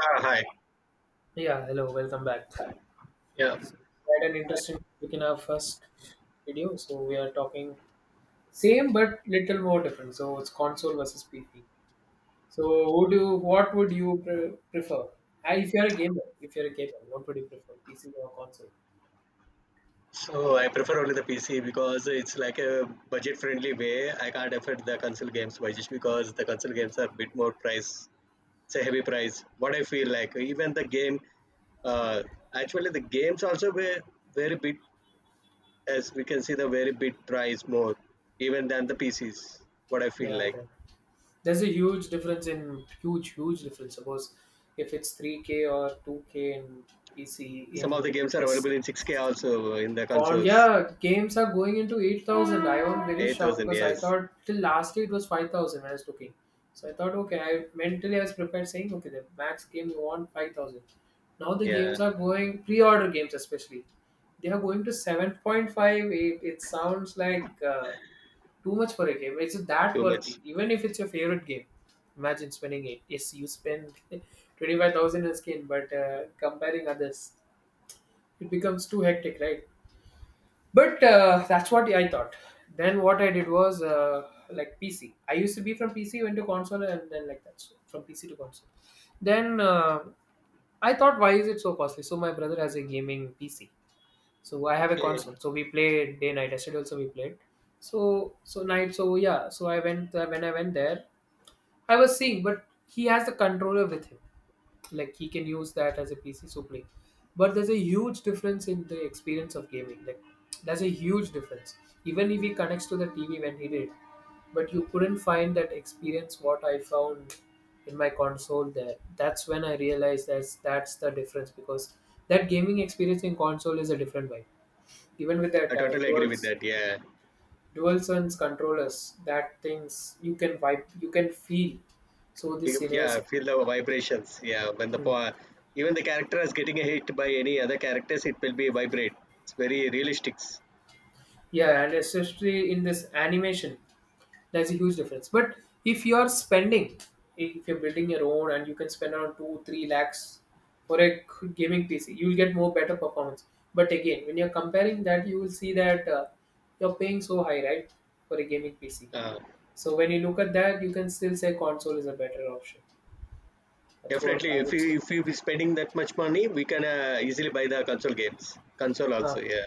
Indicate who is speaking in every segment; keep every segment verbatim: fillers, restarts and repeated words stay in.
Speaker 1: Ah, hi.
Speaker 2: Yeah, hello, welcome back.
Speaker 1: Yeah.
Speaker 2: So, we had an interesting topic in our first video. So, we are talking same but little more different. So, it's console versus P C. So, would you, what would you pre- prefer? I, if you're a gamer, if you're a gamer, what would you prefer, P C or console?
Speaker 1: So I prefer only the P C because it's like a budget friendly way. I can't afford the console games by just because the console games are a bit more price. It's a heavy price. What I feel like, even the game, uh, actually the games also were very bit, as we can see, the very bit price more even than the P Cs. What I feel
Speaker 2: Yeah,
Speaker 1: like.
Speaker 2: then there's a huge difference in huge, huge difference. Suppose if it's three K or two K in P C in
Speaker 1: Some of the
Speaker 2: uh,
Speaker 1: games are
Speaker 2: P S
Speaker 1: available in six K also in the
Speaker 2: Con
Speaker 1: consoles.
Speaker 2: yeah, games are going into eight thousand. I was very shocked
Speaker 1: eight thousand,
Speaker 2: because I
Speaker 1: yes.
Speaker 2: thought till last year it was five thousand when I was looking. So I thought okay, I mentally I was prepared saying okay, the max game you want five thousand. Now the games
Speaker 1: Yeah.
Speaker 2: are going pre-order games especially. They are going to seven point five eight. It sounds like uh, too much for a game. Is it that
Speaker 1: Too much.
Speaker 2: worthy, even if it's your favorite game? Imagine spending it. Yes, you spend twenty-five thousand in skin, but uh, comparing others, it becomes too hectic, right? But uh, that's what I thought. Then what I did was uh, like P C. I used to be from P C, went to console, and then like that. So from P C to console. Then uh, I thought, why is it so costly? So my brother has a gaming P C. So I have a
Speaker 1: Okay.
Speaker 2: console. So we play day night. Yesterday also we played. So so night. So yeah. So, I went uh, when I went there, I was seeing, but he has the controller with him. Like he can use that as a P C to play. But there's a huge difference in the experience of gaming. Like there's a huge difference. Even if he connects to the T V when he did, but you couldn't find that experience what I found in my console there. That's when I realized that's that's the difference because that gaming experience in console is a different vibe. Even with that
Speaker 1: I
Speaker 2: uh,
Speaker 1: totally agree with
Speaker 2: duals
Speaker 1: that. Yeah.
Speaker 2: Dual sense controllers, that things you can vibe, you can feel. So the
Speaker 1: You-
Speaker 2: scenarios.
Speaker 1: Yeah, feel the vibrations. Yeah, when the
Speaker 2: Hmm.
Speaker 1: po- even the character is getting hit by any other characters, it will be vibrate. It's very realistic.
Speaker 2: Yeah, and especially in this animation, there's a huge difference. But if you are spending, if you're building your own and you can spend around two, three lakhs for a gaming P C, you'll get more better performance. But again, when you're comparing that, you will see that uh, you're paying so high, right, for a gaming P C.
Speaker 1: Uh,
Speaker 2: So when you look at that, you can still say console is a better option. That's what
Speaker 1: definitely,
Speaker 2: I
Speaker 1: if
Speaker 2: would say.
Speaker 1: you if you be spending that much money, we can uh, easily buy the console games. Console
Speaker 2: Huh.
Speaker 1: also, yeah.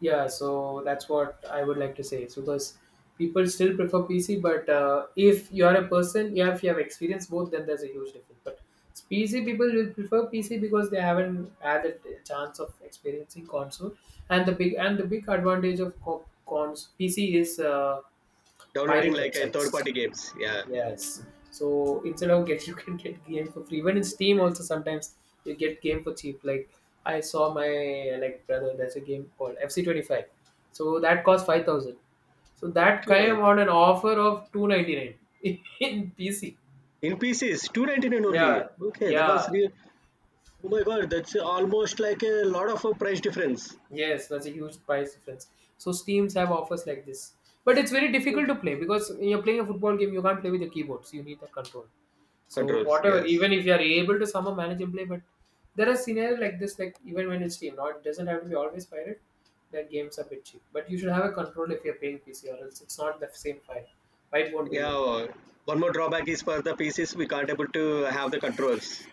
Speaker 2: Yeah, so that's what I would like to say. So because people still prefer P C, but uh, if you are a person, yeah, if you have experienced both, then there's a huge difference. But P C people will prefer P C because they haven't had a chance of experiencing console, and the big and the big advantage of co- cons P C is uh,
Speaker 1: Downloading
Speaker 2: pirate
Speaker 1: like a third
Speaker 2: websites.
Speaker 1: party games, yeah.
Speaker 2: Yes. So instead of get, you can get game for free. Even in Steam also sometimes you get game for cheap. Like I saw my like brother, there's a game called F C twenty five. So that cost five thousand. So that came
Speaker 1: Okay.
Speaker 2: on an offer of two ninety nine in P C.
Speaker 1: In pieces, two ninety nine only.
Speaker 2: Yeah.
Speaker 1: Okay, that was
Speaker 2: Yeah.
Speaker 1: real. Oh my god, that's almost like a lot of uh, price difference.
Speaker 2: Yes, that's a huge price difference. So Steams have offers like this. But it's very difficult to play because when you're playing a football game, you can't play with the keyboards. You need that control. So
Speaker 1: Controls,
Speaker 2: whatever,
Speaker 1: yes.
Speaker 2: even if you are able to somehow manage and play, but there are scenarios like this, like even when it's Steam, now it doesn't have to be always pirate. That games are a bit cheap, but you should have a control if you're playing P C, or else it's not the same file. File won't be
Speaker 1: Yeah,
Speaker 2: good.
Speaker 1: uh, one more drawback is for the P Cs we can't able to have the controls.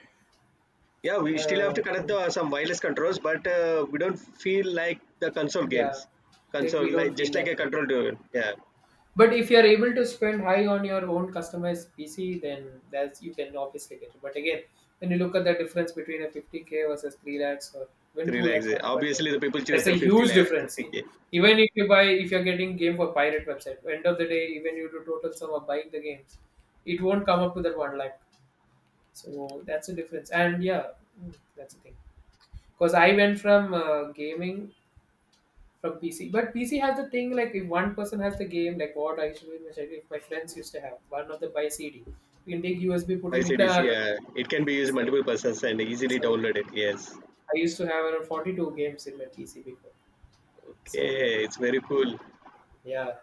Speaker 1: Yeah, we still have
Speaker 2: Uh,
Speaker 1: to connect
Speaker 2: hmm,
Speaker 1: the some wireless controls, but uh, we don't feel like the console
Speaker 2: yeah,
Speaker 1: games.
Speaker 2: then
Speaker 1: Console
Speaker 2: we don't
Speaker 1: like
Speaker 2: feel
Speaker 1: just like
Speaker 2: that
Speaker 1: a
Speaker 2: thing.
Speaker 1: control to yeah
Speaker 2: But if you're able to spend high on your own customized P C, then that's you can obviously get it. But again, when you look at the difference between a fifty k versus three lakhs or even
Speaker 1: to
Speaker 2: two
Speaker 1: relax.
Speaker 2: lakhs,
Speaker 1: It.
Speaker 2: one point five,
Speaker 1: Obviously, the people choose
Speaker 2: that's a
Speaker 1: the fifty
Speaker 2: huge
Speaker 1: like
Speaker 2: difference. See,
Speaker 1: fifty k
Speaker 2: even if you buy, if you're getting game for pirate website, end of the day, even you do total sum of buying the games, it won't come up to that one lakh. So that's the difference. And yeah, mm, that's the thing. Because I went from uh, gaming from P C. But P C has the thing like if one person has the game, like what I used to do in my childhood, my friends used to have one of the buy C D. We can take U S B, put
Speaker 1: by
Speaker 2: it in
Speaker 1: C Ds.
Speaker 2: our.
Speaker 1: Yeah, it can be used
Speaker 2: Yeah.
Speaker 1: multiple persons and easily
Speaker 2: So
Speaker 1: downloaded. Yes,
Speaker 2: I used to have around forty-two games in my P C before. So
Speaker 1: okay, it's very cool.
Speaker 2: yeah.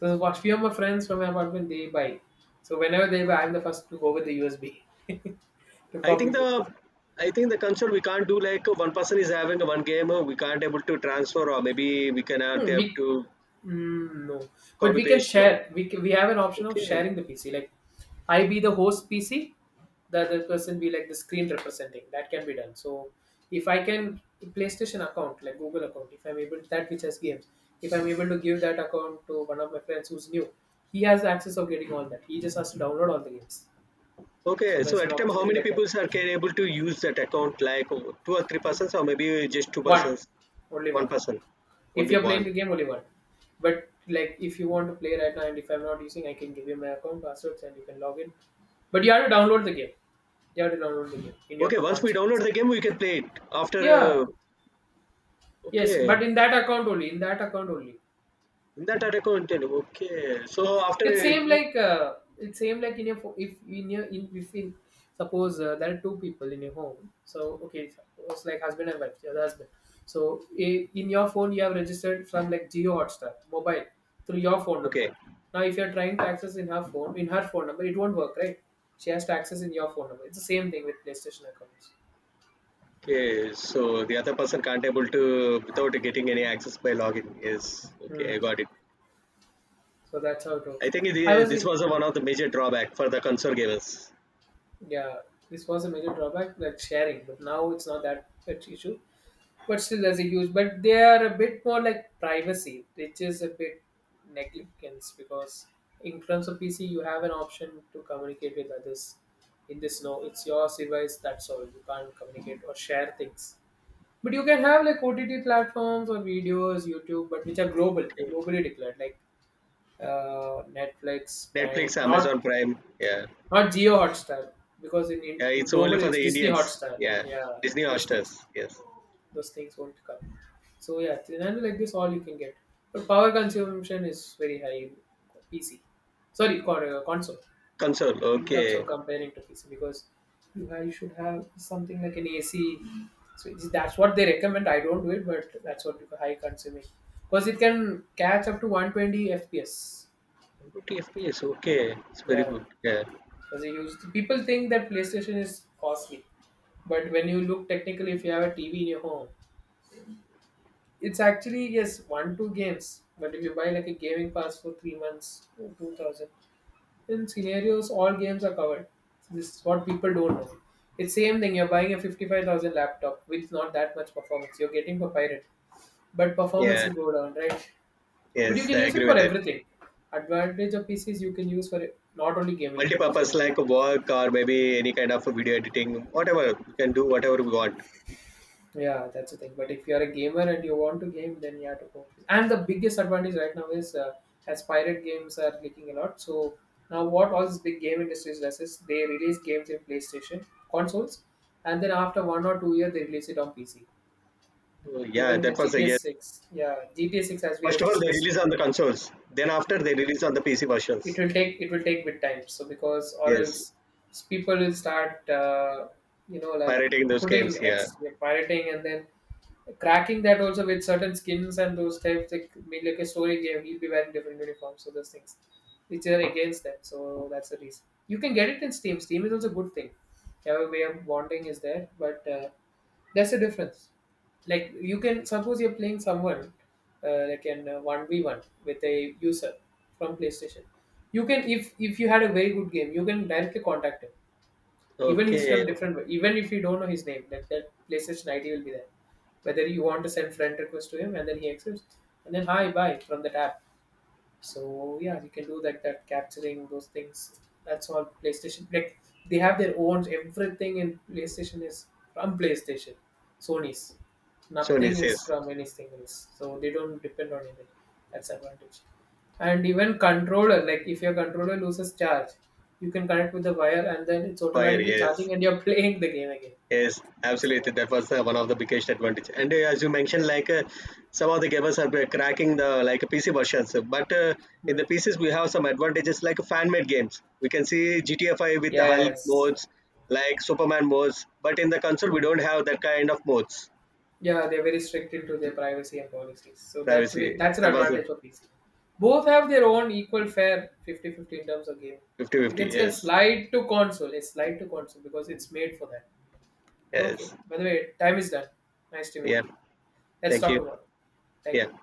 Speaker 2: So what few of my friends from my apartment they buy. So whenever they buy, I'm the first to go with the U S B to
Speaker 1: I
Speaker 2: copy
Speaker 1: think
Speaker 2: paste.
Speaker 1: the I think the console we can't do like uh, one person is having one game. uh, We can't able to transfer or maybe we cannot
Speaker 2: Hmm.
Speaker 1: have
Speaker 2: we
Speaker 1: to
Speaker 2: Mm, no, but
Speaker 1: copy
Speaker 2: we can
Speaker 1: paste, no?
Speaker 2: share. We can, we have an option of
Speaker 1: Okay.
Speaker 2: sharing the P C. Like I be the host P C, the other person be like the screen representing. That can be done. So if I can PlayStation account, like Google account, if I'm able that which has games, if I'm able to give that account to one of my friends who's new, he has access of getting all that. He just has to download all the games. So
Speaker 1: Okay.
Speaker 2: Hmm.
Speaker 1: So
Speaker 2: there's an
Speaker 1: at a time, how
Speaker 2: opportunity
Speaker 1: many
Speaker 2: like
Speaker 1: people are
Speaker 2: that.
Speaker 1: can able to use that account? Like oh, two or three persons, or maybe just two
Speaker 2: One,
Speaker 1: persons,
Speaker 2: only one.
Speaker 1: one person,
Speaker 2: If
Speaker 1: only
Speaker 2: you're playing
Speaker 1: one.
Speaker 2: the game only one, but like if you want to play right now and if I'm not using, I can give you my account passwords and you can log in, but you have to download the game you have to download the game in your
Speaker 1: Okay. Once we
Speaker 2: console
Speaker 1: download the
Speaker 2: basically.
Speaker 1: game, we can play it
Speaker 2: Yeah,
Speaker 1: after. Uh,
Speaker 2: yes,
Speaker 1: okay.
Speaker 2: but in that account only in that account only.
Speaker 1: In that data content. Okay. So after. Uh,
Speaker 2: It's same
Speaker 1: you-
Speaker 2: like uh, it's same like, in your fo- if in your in if in suppose, uh, there are two people in your home. So okay, suppose like husband and wife, your husband. So i- in your phone you have registered from like Geo Hotstar mobile through your phone number.
Speaker 1: okay.
Speaker 2: Now if you are trying to access in her phone in her phone number, it won't work, right? She has to access in your phone number. It's the same thing with PlayStation accounts.
Speaker 1: Okay. So the other person can't able to without getting any access by login. Yes. Okay. I
Speaker 2: Hmm.
Speaker 1: got it.
Speaker 2: So that's how it works.
Speaker 1: I think
Speaker 2: I
Speaker 1: it,
Speaker 2: was
Speaker 1: this
Speaker 2: in.
Speaker 1: was
Speaker 2: Hmm.
Speaker 1: one of the major drawback for the console gamers.
Speaker 2: Yeah, this was a major drawback, like sharing, but now it's not that much issue. But still there's a use, but they are a bit more like privacy, which is a bit negligence, because in terms of PC you have an option to communicate with others. In this, no, it's your device, that's all. You can't communicate or share things, but you can have like OTT platforms or videos, YouTube, but which are global
Speaker 1: Okay.
Speaker 2: globally declared, like uh, Netflix, Prime,
Speaker 1: Netflix, Amazon
Speaker 2: not
Speaker 1: Prime. Yeah.
Speaker 2: not Geo Hotstar, because in, in
Speaker 1: Yeah,
Speaker 2: in
Speaker 1: it's only
Speaker 2: global
Speaker 1: for
Speaker 2: it's
Speaker 1: the
Speaker 2: Disney
Speaker 1: Indians.
Speaker 2: Hotstar,
Speaker 1: Yeah,
Speaker 2: yeah.
Speaker 1: Disney
Speaker 2: Those things
Speaker 1: Hotstar's. Yes,
Speaker 2: those things won't come. So yeah, Trinano like this, all you can get. But power consumption is very high in P C. Sorry, con- uh, console.
Speaker 1: console.
Speaker 2: In terms of
Speaker 1: Okay,
Speaker 2: comparing to P C, because you, have, you should have something like an A C. So it's- that's what they recommend. I don't do it, but that's what people high consuming. Because it can catch up to one twenty F P S.
Speaker 1: one fifty F P S. Okay, it's very
Speaker 2: Yeah,
Speaker 1: good. Yeah,
Speaker 2: because they use people think that PlayStation is costly, but when you look technically, if you have a T V in your home, it's actually, yes, one two games. But if you buy like a gaming pass for three months, or two thousand, in scenarios all games are covered. So this is what people don't know. It's same thing. You're buying a fifty-five thousand laptop with not that much performance. You're getting for pirate, but performance
Speaker 1: yeah.
Speaker 2: will go down, right? But you
Speaker 1: Yes,
Speaker 2: can
Speaker 1: I
Speaker 2: use it
Speaker 1: agree
Speaker 2: for
Speaker 1: with that.
Speaker 2: everything. Advantage of P Cs you can use for it- not only gaming. You can use for
Speaker 1: Multi-purpose
Speaker 2: any other
Speaker 1: like
Speaker 2: things.
Speaker 1: work or
Speaker 2: Hmm.
Speaker 1: maybe any kind of video editing, whatever you can do, whatever we want.
Speaker 2: Yeah, that's the thing. But if you are a gamer and you want to game, then you have to go. And the biggest advantage right now is uh, as pirate games are leaking a lot. So now what all this big game industries does is they release games in PlayStation consoles, and then after one or two years they release it on P C.
Speaker 1: Oh, yeah,
Speaker 2: Even the
Speaker 1: that was a
Speaker 2: G T A
Speaker 1: yes.
Speaker 2: Six, yeah, G T A Six as we have
Speaker 1: First of all, they
Speaker 2: discussed.
Speaker 1: release on the consoles. Then
Speaker 2: Hmm,
Speaker 1: after they release on the P C
Speaker 2: it
Speaker 1: versions.
Speaker 2: will take it will take with time, so because or else,
Speaker 1: Yes,
Speaker 2: s- people will start, uh, you know like,
Speaker 1: pirating those
Speaker 2: putting,
Speaker 1: games. Yeah.
Speaker 2: ex like, pirating, and then cracking that also with certain skins and those types, like, mean like a story game, he'll be wearing different uniforms, so those things which are against them, so that's the reason you can get it in Steam. Steam is also a good thing. Your way of bonding is there, but uh, that's the difference. Like, you can suppose you're playing someone, uh, like an uh, one v one with a user from PlayStation, you can, if if you had a very good game, you can directly contact him. even he's from
Speaker 1: Okay.
Speaker 2: different even if you don't know his name, that, that PlayStation ID will be there, whether you want to send friend request to him, and then he accepts, and then hi bye from that app. So yeah, you can do that. That capturing those things. That's all PlayStation. Like they have their own, everything in PlayStation is from PlayStation, Sony's.
Speaker 1: Sony
Speaker 2: Nothing is
Speaker 1: says
Speaker 2: from anything else. So they don't depend on anything. That's advantage. And even controller, like if your controller loses charge, you can connect with the wire and then it's
Speaker 1: fire.
Speaker 2: automatically
Speaker 1: Yes.
Speaker 2: charging and you're playing the game again.
Speaker 1: Yes,
Speaker 2: It's
Speaker 1: absolutely.
Speaker 2: advantage.
Speaker 1: That was uh, one of the biggest advantage. And uh, as you mentioned, like uh, some of the gamers are uh, cracking the like P C versions, but uh, in
Speaker 2: Hmm.
Speaker 1: the P Cs we have some advantages like fan-made games. We can see G T A five with the Hulk
Speaker 2: Yes.
Speaker 1: modes, like Superman modes, but in the console we
Speaker 2: Hmm.
Speaker 1: don't have that kind of modes.
Speaker 2: Yeah, they're very strict into their privacy and policies. So that's wi-
Speaker 1: Privacy.
Speaker 2: that's an
Speaker 1: That was a
Speaker 2: advantage of these two. Both have their own equal fair fifty-fifty in terms of game. You
Speaker 1: fifty-fifty.
Speaker 2: can see a
Speaker 1: Yes,
Speaker 2: slide to console, a slide to console because it's made for that. Okay.
Speaker 1: yes.
Speaker 2: By the way, time is done. Nice to
Speaker 1: Yeah.
Speaker 2: meet you. Let's
Speaker 1: Thank
Speaker 2: talk
Speaker 1: you.
Speaker 2: tomorrow. Thank
Speaker 1: Yeah.
Speaker 2: you.